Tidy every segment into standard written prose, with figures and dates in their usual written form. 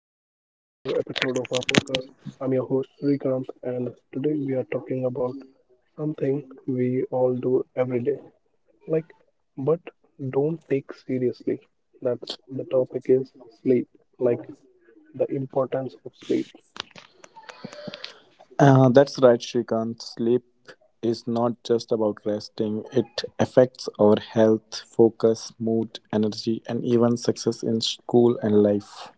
episode of our podcast. I'm your host Srikanth and today we are talking about something we all do every day. Like, but don't take seriously. That's the topic is sleep. Like That's right, Shrikant. Sleep is not just about resting, it affects our health, focus, mood, energy, and even success in school and life.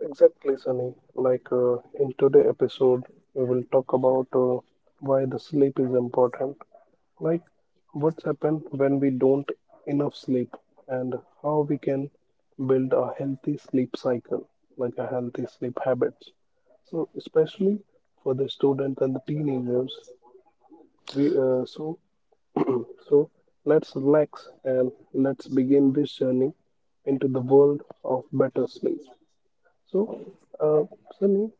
exactly Sunny. In today's episode we will talk about why the sleep is important, like what's happened when we don't enough sleep, and how we can build a healthy sleep cycle, like a healthy sleep habits, so especially for the student and the teenagers. We, so so let's relax and let's begin this journey into the world of better sleep. Sunny,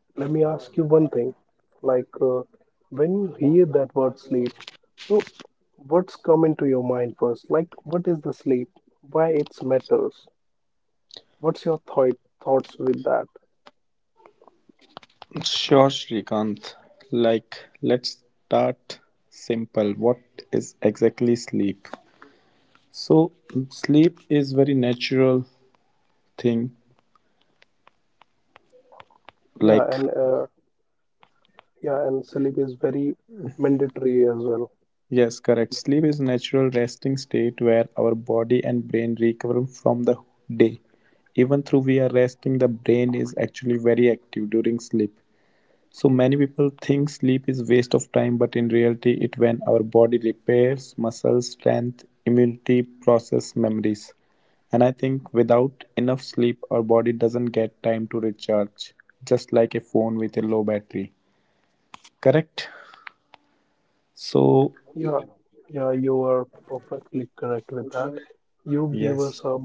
like go into your first, what what's your thoughts with that? Sure, Shrikant. Like, let's start simple. What is exactly sleep? So, sleep is very natural thing. yeah Like, and uh, yeah and sleep is very mandatory as well. yes, correct. Sleep is natural resting state where our body and brain recover from the day. Even though we are resting, the brain is actually very active during sleep. So many people think sleep is waste of time, but in reality, it when our body repairs muscle strength, immunity, process memories. And I think without enough sleep, our body doesn't get time to recharge, just like a phone with a low battery. Correct? So, Yeah, yeah, you are perfectly correct with that. You gave yes, us a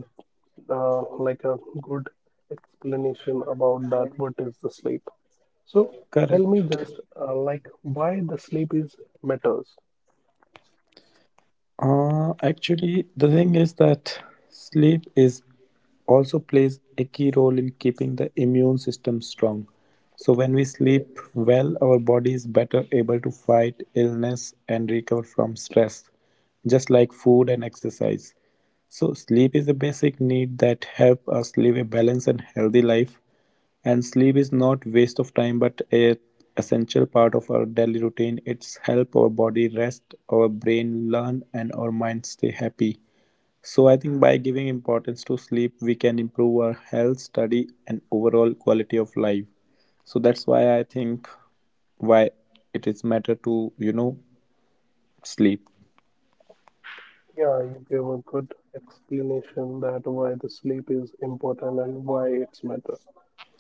like a good explanation about that. What is the sleep? So tell correct. me just like why the sleep is matters. Actually, the thing is that sleep is also plays a key role in keeping the immune system strong. So, when we sleep well, our body is better able to fight illness and recover from stress, just like food and exercise. So, sleep is a basic need that help us live a balanced and healthy life. And sleep is not waste of time, but a essential part of our daily routine. It's help our body rest, our brain learn, and our mind stay happy. So I think by giving importance to sleep, we can improve our health, study, and overall quality of life. So that's why I think why it is matter to sleep. Yeah, you gave a good explanation that why the sleep is important and why it's matter.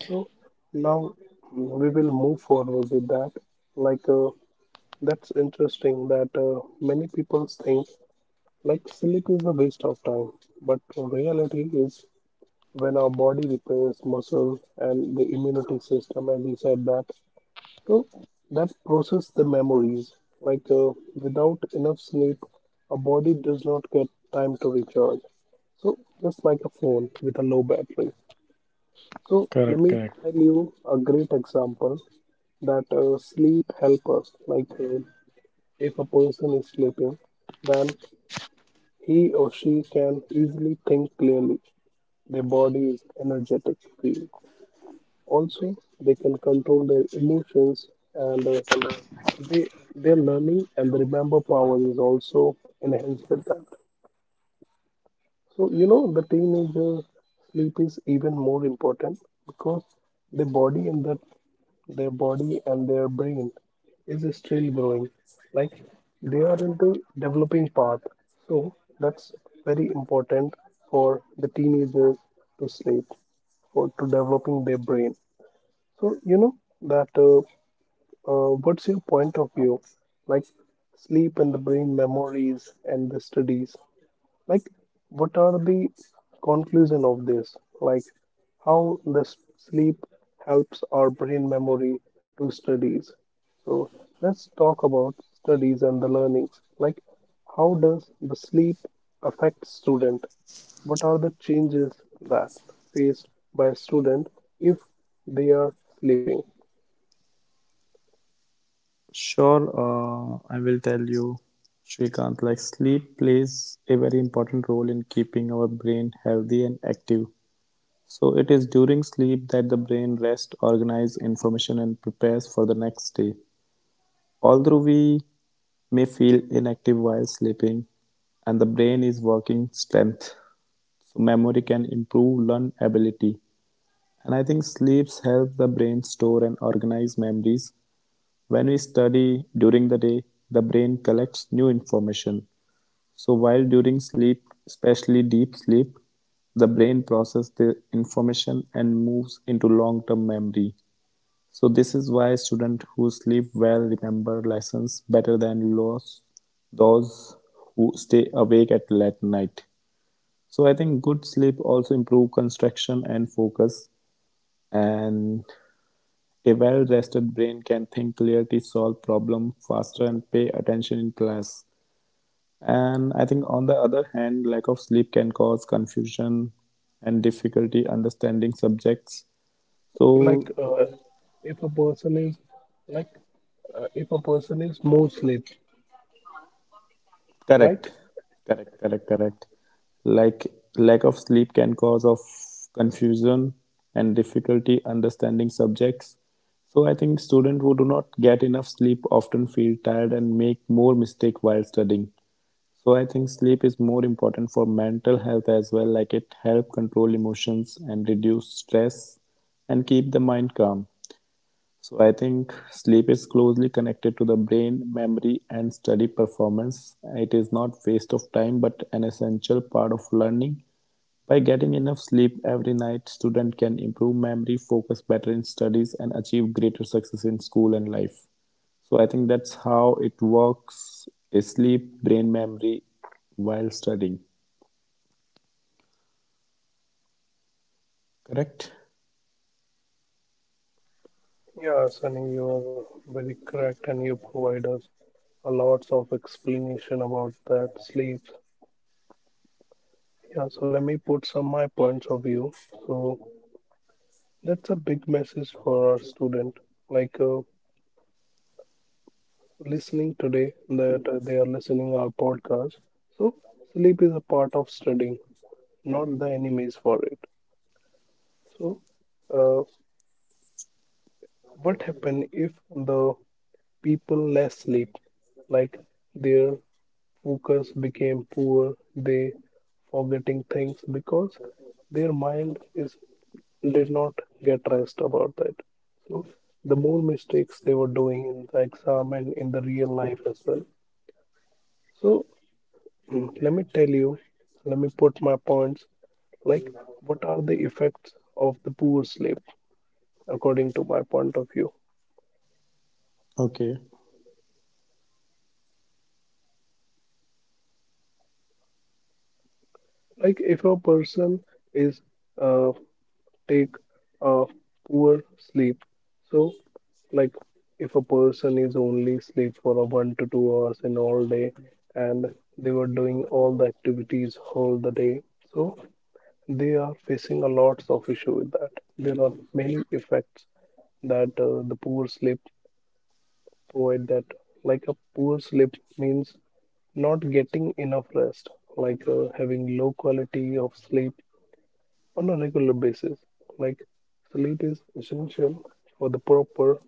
So now we will move forward with that. Like uh, that's interesting that many people think like sleep is a waste of time, but reality is when our body repairs muscle and the immunity system, as you said that, so that process the memories. Without enough sleep, our body does not get time to recharge. So just like a phone with a low battery. So let Correct, me correct. tell you a great example that sleep help us. If a person is sleeping, then he or she can easily think clearly. Their body is energetic, free. Also, they can control their emotions, and they their learning and the remember power is also enhanced with that. So you know the teenager sleep is even more important because the body and the their body and their brain is still growing, like they are into developing path, so that's very important for the teenagers to sleep for to developing their brain. So you know that what's your point of view, like sleep and the brain memories and the studies, like what are the conclusion of this? Like, how this sleep helps our brain memory to studies. So let's talk about studies and the learnings. Like, how does the sleep affect student? What are the changes that face by a student if they are sleeping? Sure, I will tell you, Shrikant. Like sleep plays a very important role in keeping our brain healthy and active. So it is during sleep that the brain rests, organizes information, and prepares for the next day. Although we may feel inactive while sleeping, and the brain is working strength, so memory can improve learn ability. And I think sleeps help the brain store and organize memories when we study during the day, the brain collects new information. So while during sleep, especially deep sleep, the brain processes the information and moves into long-term memory. So this is why students who sleep well remember lessons better than those who stay awake at late night. So I think good sleep also improve concentration and focus, and a well-rested brain can think clearly, solve problems faster, and pay attention in class. And I think, on the other hand, lack of sleep can cause confusion and difficulty understanding subjects. Like, So, if a person is like, If a person is more sleep, right? correct. Correct. Like lack of sleep can cause of confusion and difficulty understanding subjects. So I think students who do not get enough sleep often feel tired and make more mistake while studying. So I think sleep is more important for mental health as well, like it help control emotions and reduce stress and keep the mind calm. So I think sleep is closely connected to the brain, memory, and study performance. It is not waste of time but an essential part of learning. By getting enough sleep every night, student can improve memory, focus better in studies, and achieve greater success in school and life. So I think that's how it works: is sleep, brain memory, while studying. Correct? Yeah, Sunny, you are very correct, and you provide us a lots of explanation about that sleep. Yeah, so let me put some my points of view. So that's a big message for our student, like uh, listening today that they are listening our podcast. So sleep is a part of studying, not the enemies for it. So uh, what happen if the people less sleep, like their focus became poor, they forgetting things because their mind is did not get rest about that. So the more mistakes they were doing in the exam and in the real life as well. So let me tell you, let me put my points, like what are the effects of the poor sleep according to my point of view. Okay, Like if a person is uh, take a poor sleep. So, like if a person is only sleep for a 1 to 2 hours in all day and they were doing all the activities all the day, so they are facing a lots of issue with that. There are many effects that the poor sleep provide that, like a poor sleep means not getting enough rest, having low quality of sleep on a regular basis. Like sleep is essential for the proper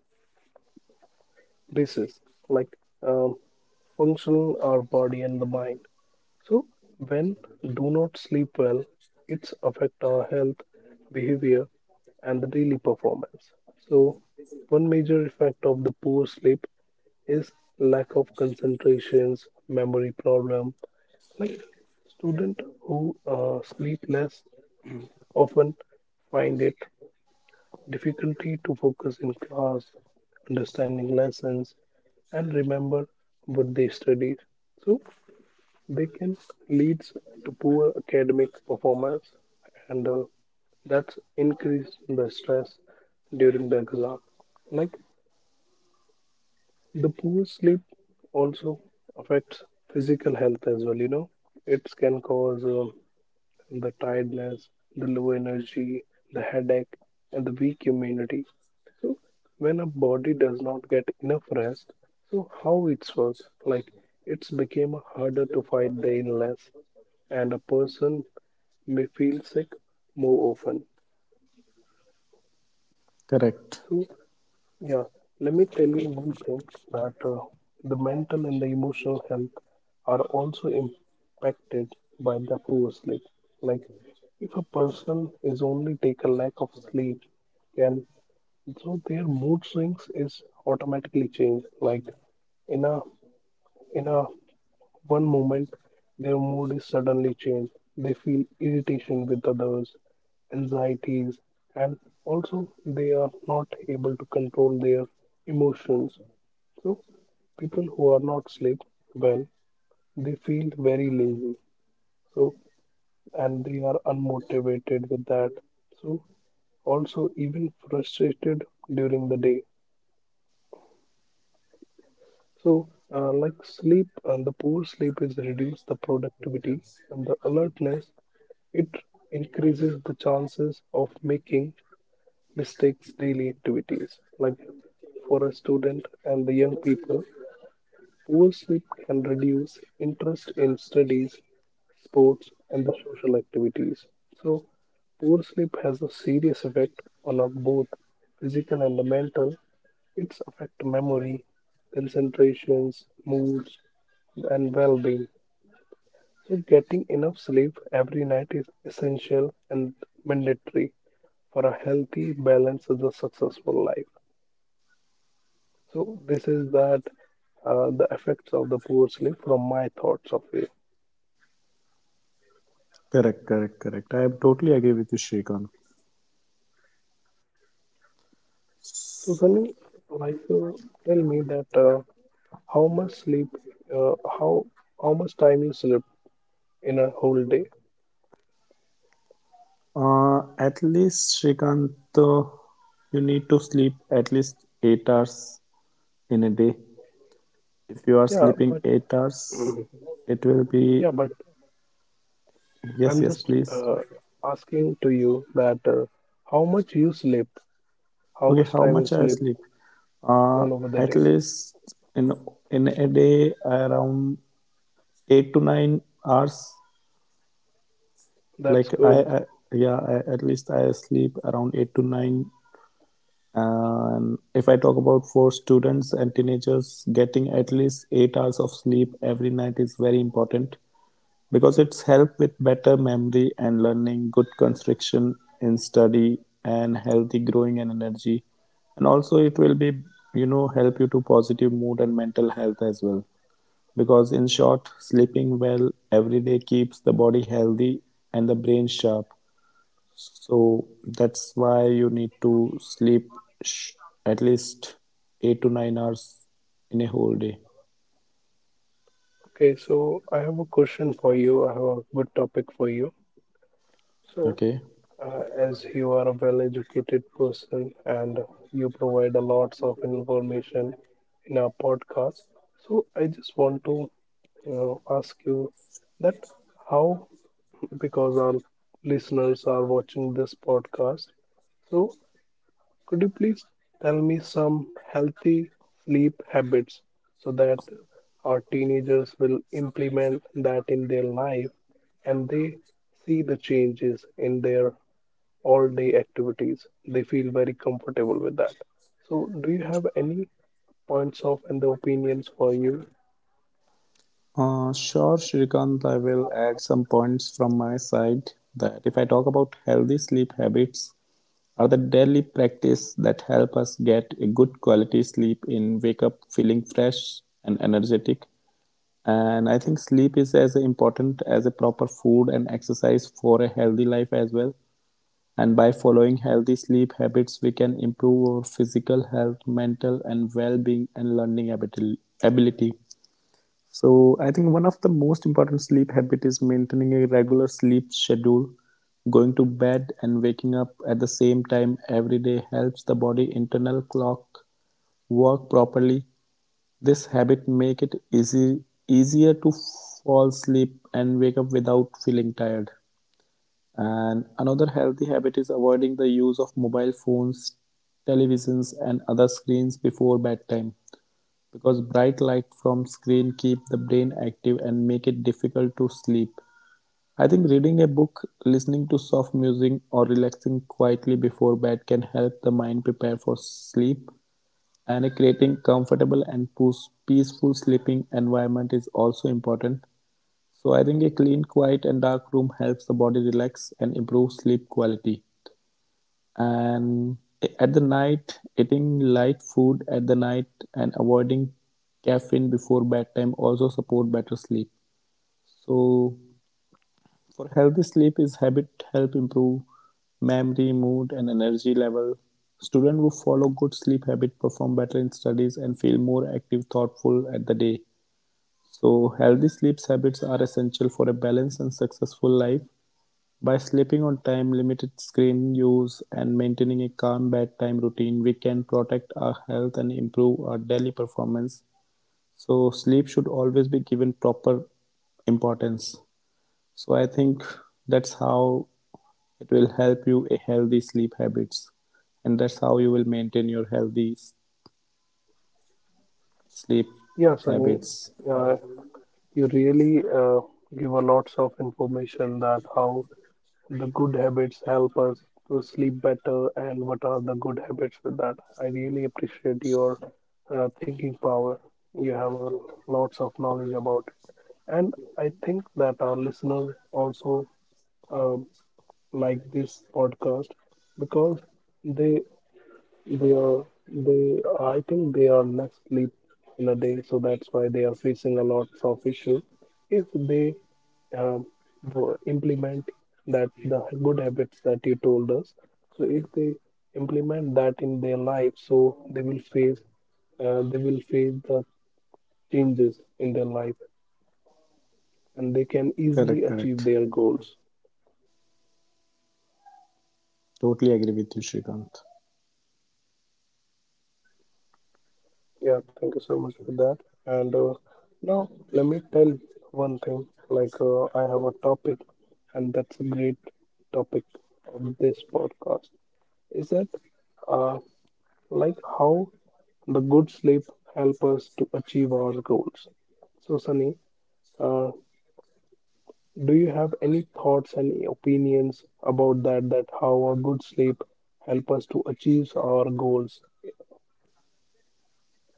disease, like um, functional our body and the mind. So when do not sleep well, it's affect our health, behavior, and the daily performance. So one major effect of the poor sleep is lack of concentrations, memory problem. Like student who sleep less often find it difficulty to focus in class, understanding lessons, and remember what they studied. So they can lead to poor academic performance, and that's increase the stress during the exam. Like the poor sleep also affects physical health as well, you know. It can cause the tiredness, the low energy, the headache, and the weak immunity. So when a body does not get enough rest, so how it's works? Like it's became harder to fight the illness, and a person may feel sick more often. correct, So yeah, let me tell you one thing that the mental and the emotional health are also impacted by the poor sleep. Like, if a person is only take a lack of sleep, then so their mood swings is automatically changed. Like, in a in a one moment, their mood is suddenly changed. They feel irritation with others, anxieties, and also they are not able to control their emotions. So, people who are not sleep well, they feel very lazy. So, and they are unmotivated with that. So, also even frustrated during the day. So, like sleep and the poor sleep is reduce the productivity and the alertness. It increases the chances of making mistakes daily activities, like for a student and the young people poor sleep can reduce interest in studies, sports and the social activities. So poor sleep has a serious effect on our both physical and the mental. It's affect memory, concentrations, moods, and well-being. So, getting enough sleep every night is essential and mandatory for a healthy, balanced, and a successful life. So, this is that the effects of the poor sleep from my thoughts of it. correct. I am totally agree with you, Shrikant. So, Sunny, like uh, tell me that how much sleep, uh, how how much time you sleep in a whole day? At least, Shrikant, uh, you need to sleep at least 8 hours in a day. If you are Yeah, sleeping but 8 hours, it will be. yeah, but Yes, I'm yes, just please. Asking to you that how much you sleep, how Okay, much how time you much I sleep sleep? Uh, all over the at day. least in in a day around 8 to 9 hours. That's Like, I, good. I yeah, I, at least I sleep around 8 to 9. If I talk about for students and teenagers, getting at least 8 hours of sleep every night is very important because it's help with better memory and learning, good constriction in study, and healthy growing and energy. And also, it will be, help you to positive mood and mental health as well. Because in short, sleeping well every day keeps the body healthy and the brain sharp, so that's why you need to at least 8 to 9 hours in a whole day. Okay, so I have a question for you. I have a good topic for you. So, Okay. uh, as you are a well-educated person and you provide a lots of information in our podcast, so I just want to, you know, ask you that how, because our listeners are watching this podcast, so could you please tell me some healthy sleep habits so that our teenagers will implement that in their life and they see the changes in their all day activities? They feel very comfortable with that. So, do you have any points of and the opinions for you? Sure, Shrikant, I will add some points from my side that if I talk about healthy sleep habits are the daily practice that help us get a good quality sleep and wake up feeling fresh and energetic. And I think sleep is as important as a proper food and exercise for a healthy life as well. And by following healthy sleep habits, we can improve our physical health, mental and well-being, and learning ability. So I think one of the most important sleep habit is maintaining a regular sleep schedule. Going to bed and waking up at the same time every day helps the body internal clock work properly. This habit make it easy easier to fall asleep and wake up without feeling tired. And another healthy habit is avoiding the use of mobile phones, televisions, and other screens before bedtime because bright light from screen keep the brain active and make it difficult to sleep. I think reading a book, listening to soft music, or relaxing quietly before bed can help the mind prepare for sleep. And creating comfortable and peaceful sleeping environment is also important. So I think a clean, quiet, and dark room helps the body relax and improve sleep quality, and at the night, eating light food at the night and avoiding caffeine before bedtime also support better sleep. So for healthy sleep is habit help improve memory, mood, and energy level. Students who follow good sleep habit perform better in studies and feel more active thoughtful at the day. So healthy sleep habits are essential for a balanced and successful life. By sleeping on time, limited screen use, and maintaining a calm bedtime routine, we can protect our health and improve our daily performance. So, sleep should always be given proper importance. So, I think that's how it will help you a healthy sleep habits, and that's how you will maintain your healthy sleep Yeah, Sunny, habits. uh, you really give a lots of information that how the good habits help us to sleep better, and what are the good habits with that? I really appreciate your thinking power. You have lots of knowledge about it, and I think that our listeners also um like this podcast because they they are they I think they are not sleep in a day, so that's why they are facing a lot of issue. If they um, implement that the good habits that you told us, so if they implement that in their life, so they will face the changes in their life and they can Correct, easily achieve correct. their goals. Totally agree with you, Shrikant. Yeah, thank you so much for that. And now let me tell one thing. I have a topic, and that's a great topic of this podcast. Is that uh, like how the good sleep help us to achieve our goals? So Sunny, uh, do you have any thoughts and opinions about that? That how a good sleep help us to achieve our goals?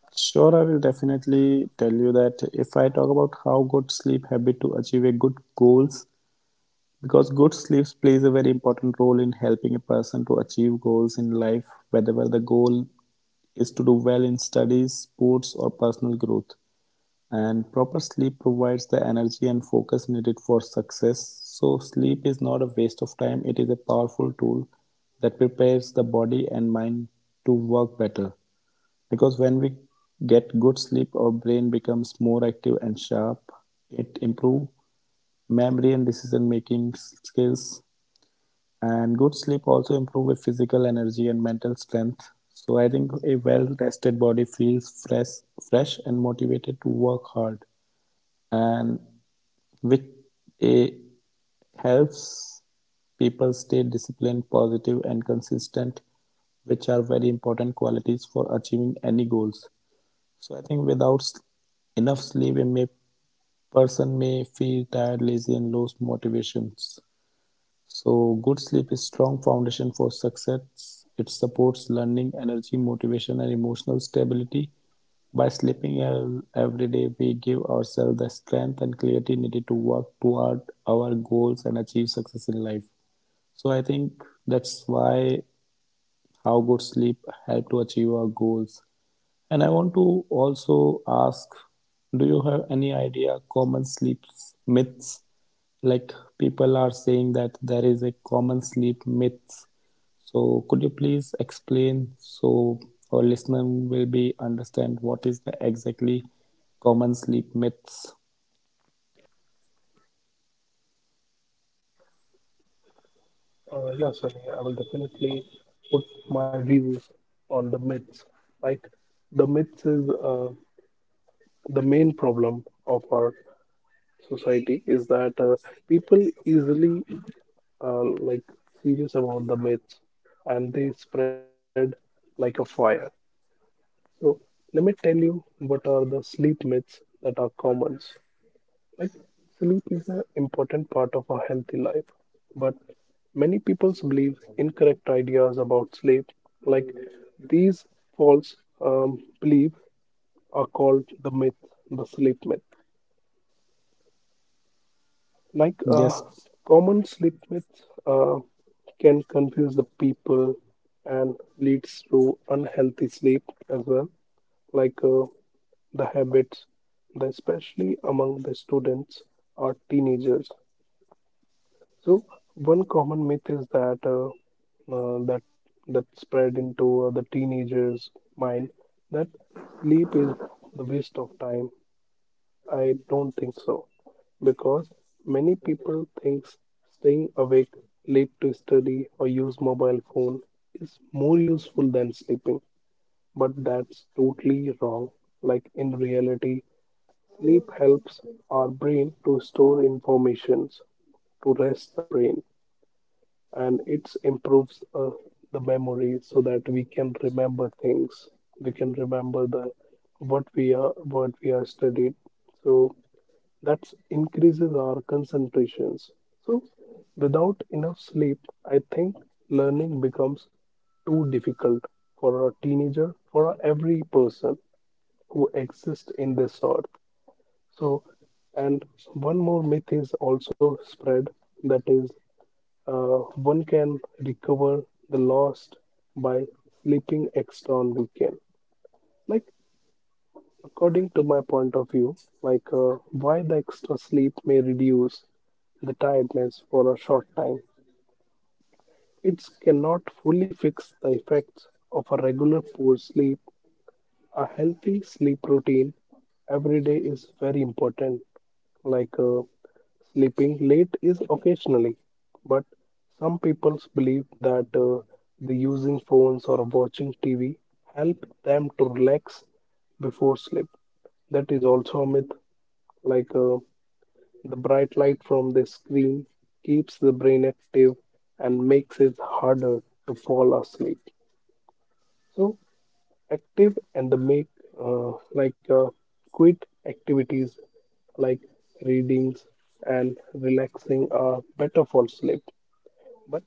Sure, I will definitely tell you that if I talk about how good sleep habit to achieve a good goals, because good sleep plays a very important role in helping a person to achieve goals in life, whether well, the goal is to do well in studies, sports, or personal growth. And proper sleep provides the energy and focus needed for success. So, sleep is not a waste of time, it is a powerful tool that prepares the body and mind to work better. Because when we get good sleep, our brain becomes more active and sharp, it improve memory and decision making skills, and good sleep also improve physical energy and mental strength. So I think a well rested body feels fresh and motivated to work hard and which a helps people stay disciplined, positive and consistent, which are very important qualities for achieving any goals. So I think without enough sleep, person may feel tired, lazy, and lose motivations. So good sleep is strong foundation for success. It supports learning, energy, motivation, and emotional stability. By sleeping well every day, we give ourselves the strength and clarity needed to work toward our goals and achieve success in life. So I think that's why how good sleep help to achieve our goals. And I want to also ask, do you have any idea common sleep myths? Like people are saying that there is a common sleep myth. So could you please explain so our listener will be understand what is the exactly common sleep myths? Yes, I will definitely put my views on the myths. Like the myths is the main problem of our society is that people easily like serious about the myths and they spread like a fire. So let me tell you what are the sleep myths that are common. Like sleep is an important part of a healthy life, but many people believe incorrect ideas about sleep. Like these false belief are called the myth, the sleep myth. Like uh, Yes. Common sleep myths can confuse the people and leads to unhealthy sleep as well. Like uh, the habits, especially among the students or teenagers. So one common myth is that uh, that that spread into the teenagers' mind that sleep is the waste of time. I don't think so because many people think staying awake late to study or use mobile phone is more useful than sleeping, but that's totally wrong. Like in reality, sleep helps our brain to store informations, to rest the brain, and it improves the memory so that we can remember things. We can remember the What we are what we are studied, so that increases our concentrations. So without enough sleep, I think learning becomes too difficult for a teenager, for every person who exists in this earth. so and one more myth is also spread, that is, uh, one can recover the lost by sleeping extra on weekend. Like, according to my point of view, why the extra sleep may reduce the tiredness for a short time. It cannot fully fix the effects of a regular poor sleep. A healthy sleep routine every day is very important. Like uh, Sleeping late is occasionally, but some people believe that the using phones or watching TV help them to relax before sleep. That is also a myth. Like uh, the bright light from the screen keeps the brain active and makes it harder to fall asleep. So active and the make, uh, like uh, quit activities like readings and relaxing are better for sleep. But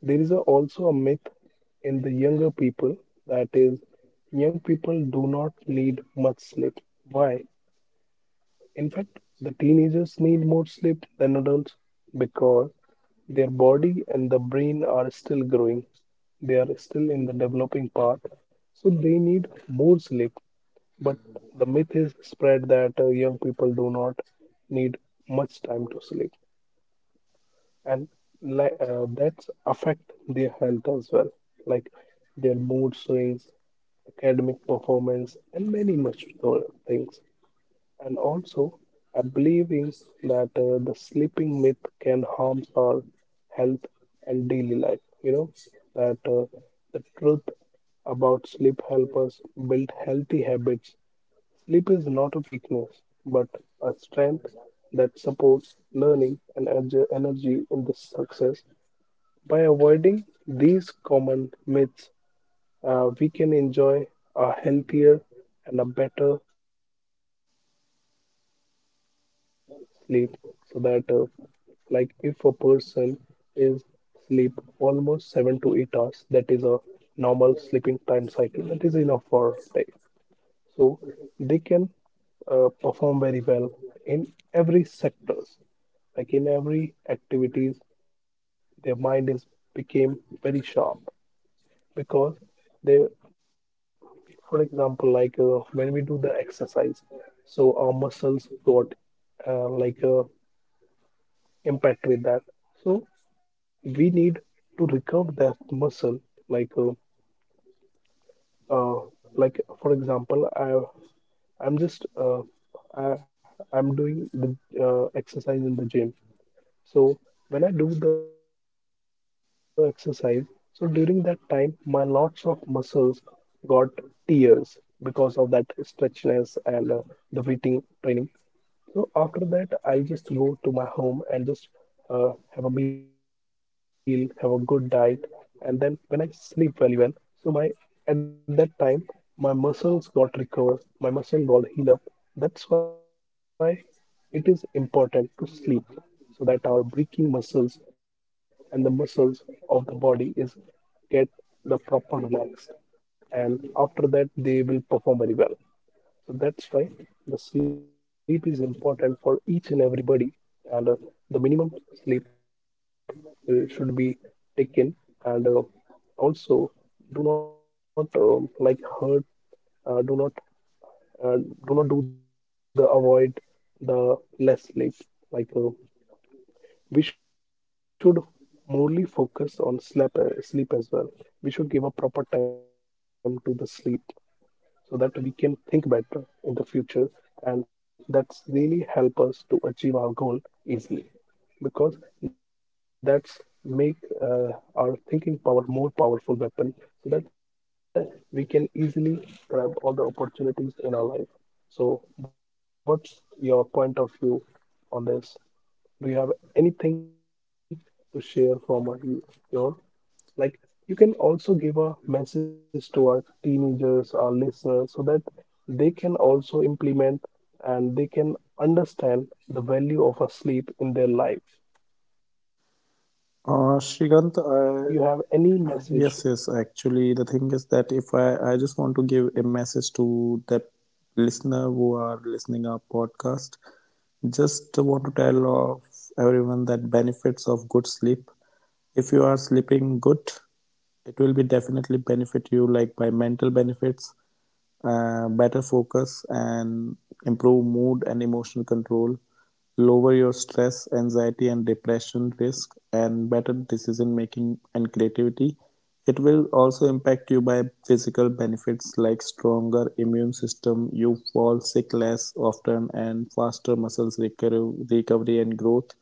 there is also a myth in the younger people, that is, young people do not need much sleep. Why? In fact, the teenagers need more sleep than adults because their body and the brain are still growing. They are still in the developing part, so they need more sleep. But the myth is spread that young people do not need much time to sleep, and that's affect their health as well, like their mood swings, academic performance, and many much other things. And also, I believe is that the sleeping myth can harm our health and daily life. You know that the truth about sleep help us build healthy habits. Sleep is not a weakness, but a strength that supports learning and energy in the success. By avoiding these common myths, we can enjoy a healthier and a better sleep. So that like if a person is sleep almost 7 to 8 hours, that is a normal sleeping time cycle, that is enough for day. So they can perform very well in every sectors, like in every activities, their mind is became very sharp. Because they, for example, when we do the exercise, so our muscles got, uh, like uh, impact with that, so we need to recover that muscle. like uh, uh, like for example, I, I'm just I, I'm doing the exercise in the gym. So when I do the exercise, so during that time, my lots of muscles got tears because of that stretchness and the weighting training. So after that, I'll just go to my home and just have a meal, have a good diet, and then when I sleep very well, so my, at that time, my muscles got recovered, my muscle got healed up. That's why it is important to sleep, so that our breathing muscles and the muscles of the body is get the proper relaxed, and after that they will perform very well. So that's why the sleep is important for each and everybody, and the minimum sleep should be taken, and also, do not like hurt, do not, uh, do not do the avoid the less sleep. Like uh, we should morely focus on sleep, sleep as well. We should give a proper time to the sleep so that we can think better in the future, and that's really help us to achieve our goal easily, because that's make uh, our thinking power more powerful weapon, so that we can easily grab all the opportunities in our life. So what's your point of view on this? Do you have anything to share from your, like, you can also give a message to our teenagers, our listeners, so that they can also implement and they can understand the value of a sleep in their life. So, Shrikant, Sunny, please, I, do you have any yes, message? yes. Actually, the thing is that if I just want to give a message to the listener who are listening our podcast, just want to tell of everyone that benefits of good sleep. If you are sleeping good, it will be definitely benefit you like by mental benefits, better focus and improve mood and emotional control, lower your stress, anxiety, and depression risk, and better decision making and creativity. It will also impact you by physical benefits like stronger immune system, you fall sick less often, and faster recovery and growth.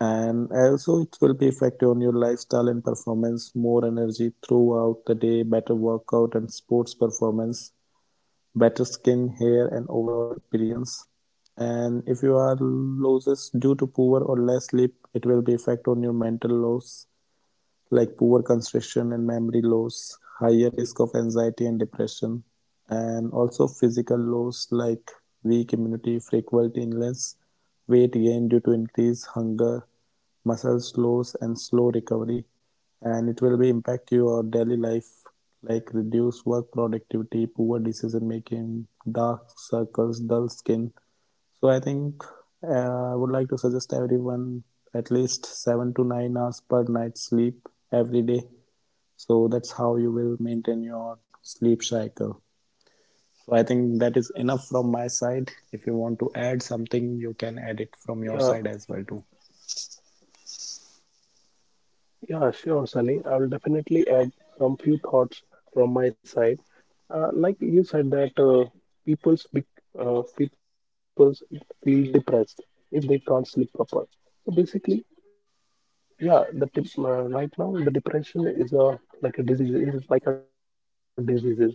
And also, it will be effective on your lifestyle and performance, more energy throughout the day, better workout and sports performance, better skin, hair, and overall appearance. And if you are loses due to poor or less sleep, it will be effect on your mental loss like poor concentration and memory loss, higher risk of anxiety and depression, and also physical loss like weak immunity, frequent illness, weight gain due to increased hunger, muscle loss, and slow recovery. And it will be impact your daily life like reduced work productivity, poor decision making, dark circles, dull skin. So I think I would like to suggest everyone at least 7 to 9 hours per night sleep every day. So that's how you will maintain your sleep cycle. So I think that is enough from my side. If you want to add something, you can add it from your Yeah, side as well too. yeah, sure, Sunny. I will definitely add some few thoughts from my side. Like you said that people's be people's feel depressed if they can't sleep proper. So basically, yeah, the tip, right now the depression is a, like a disease. It is like a disease.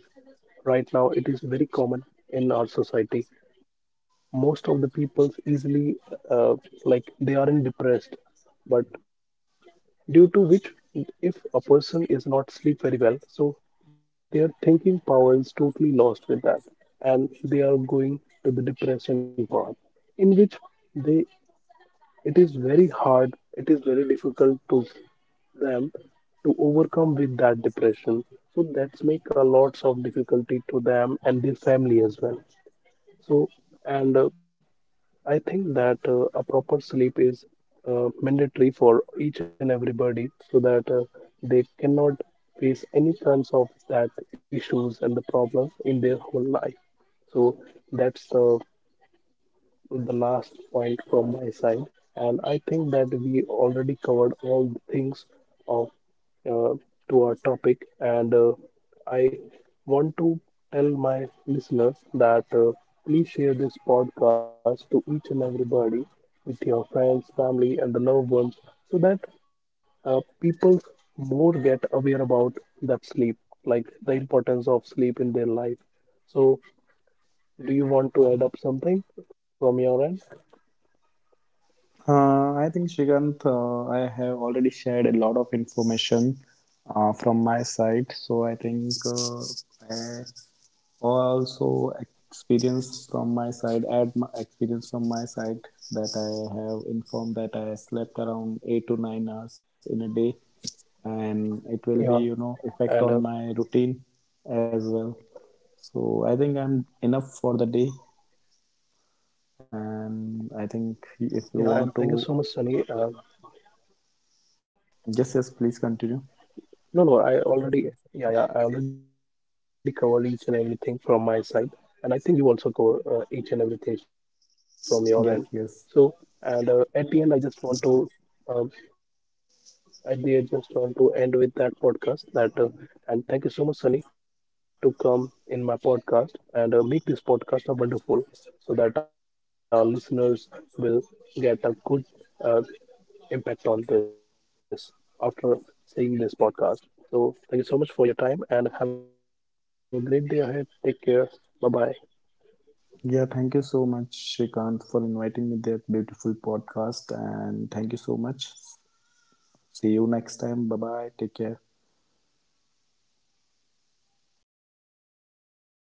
Right now, it is very common in our society. Most of the people's easily uh, like they aren't depressed, but due to which, if a person is not sleep very well, so their thinking power is totally lost with that, and they are going to the depression path, in which they, it is very hard, it is very difficult to them to overcome with that depression. So that's make a lots of difficulty to them and their family as well. So and I think that a proper sleep is mandatory for each and everybody, so that they cannot face any kinds of that issues and the problems in their whole life. So that's the last point from my side, and I think that we already covered all the things of, uh, to our topic, and I want to tell my listeners that please share this podcast to each and everybody with your friends, family, and the loved ones, so that people more get aware about that sleep, like the importance of sleep in their life. So, do you want to add up something from your end? I think Shrikant, I have already shared a lot of information from my side. So I think I, also, experience from my side, add my experience from my side that I have informed that I slept around 8 to 9 hours in a day, and it will be, you Yeah, know, effect on and my routine as well. So I think I'm enough for the day, and I think if you yeah, and want thank you to, so much, Sunny. Yes, yes, please continue. No, no, I already, yeah, yeah, I already covered each and everything from my side, and I think you also cover each and everything from your end. Yes, So, yes. and at the end, I just want to, um, at the end, just want to end with that podcast. That and thank you so much, Sunny, to come in my podcast and make this podcast a wonderful, so that our listeners will get a good uh. impact on this after seeing this podcast. So, thank you so much for your time and have a great day ahead. Take care. Bye bye. Yeah, thank you so much, Shrikant, for inviting me to that beautiful podcast, and thank you so much. See you next time. Bye bye. Take care. Bye bye.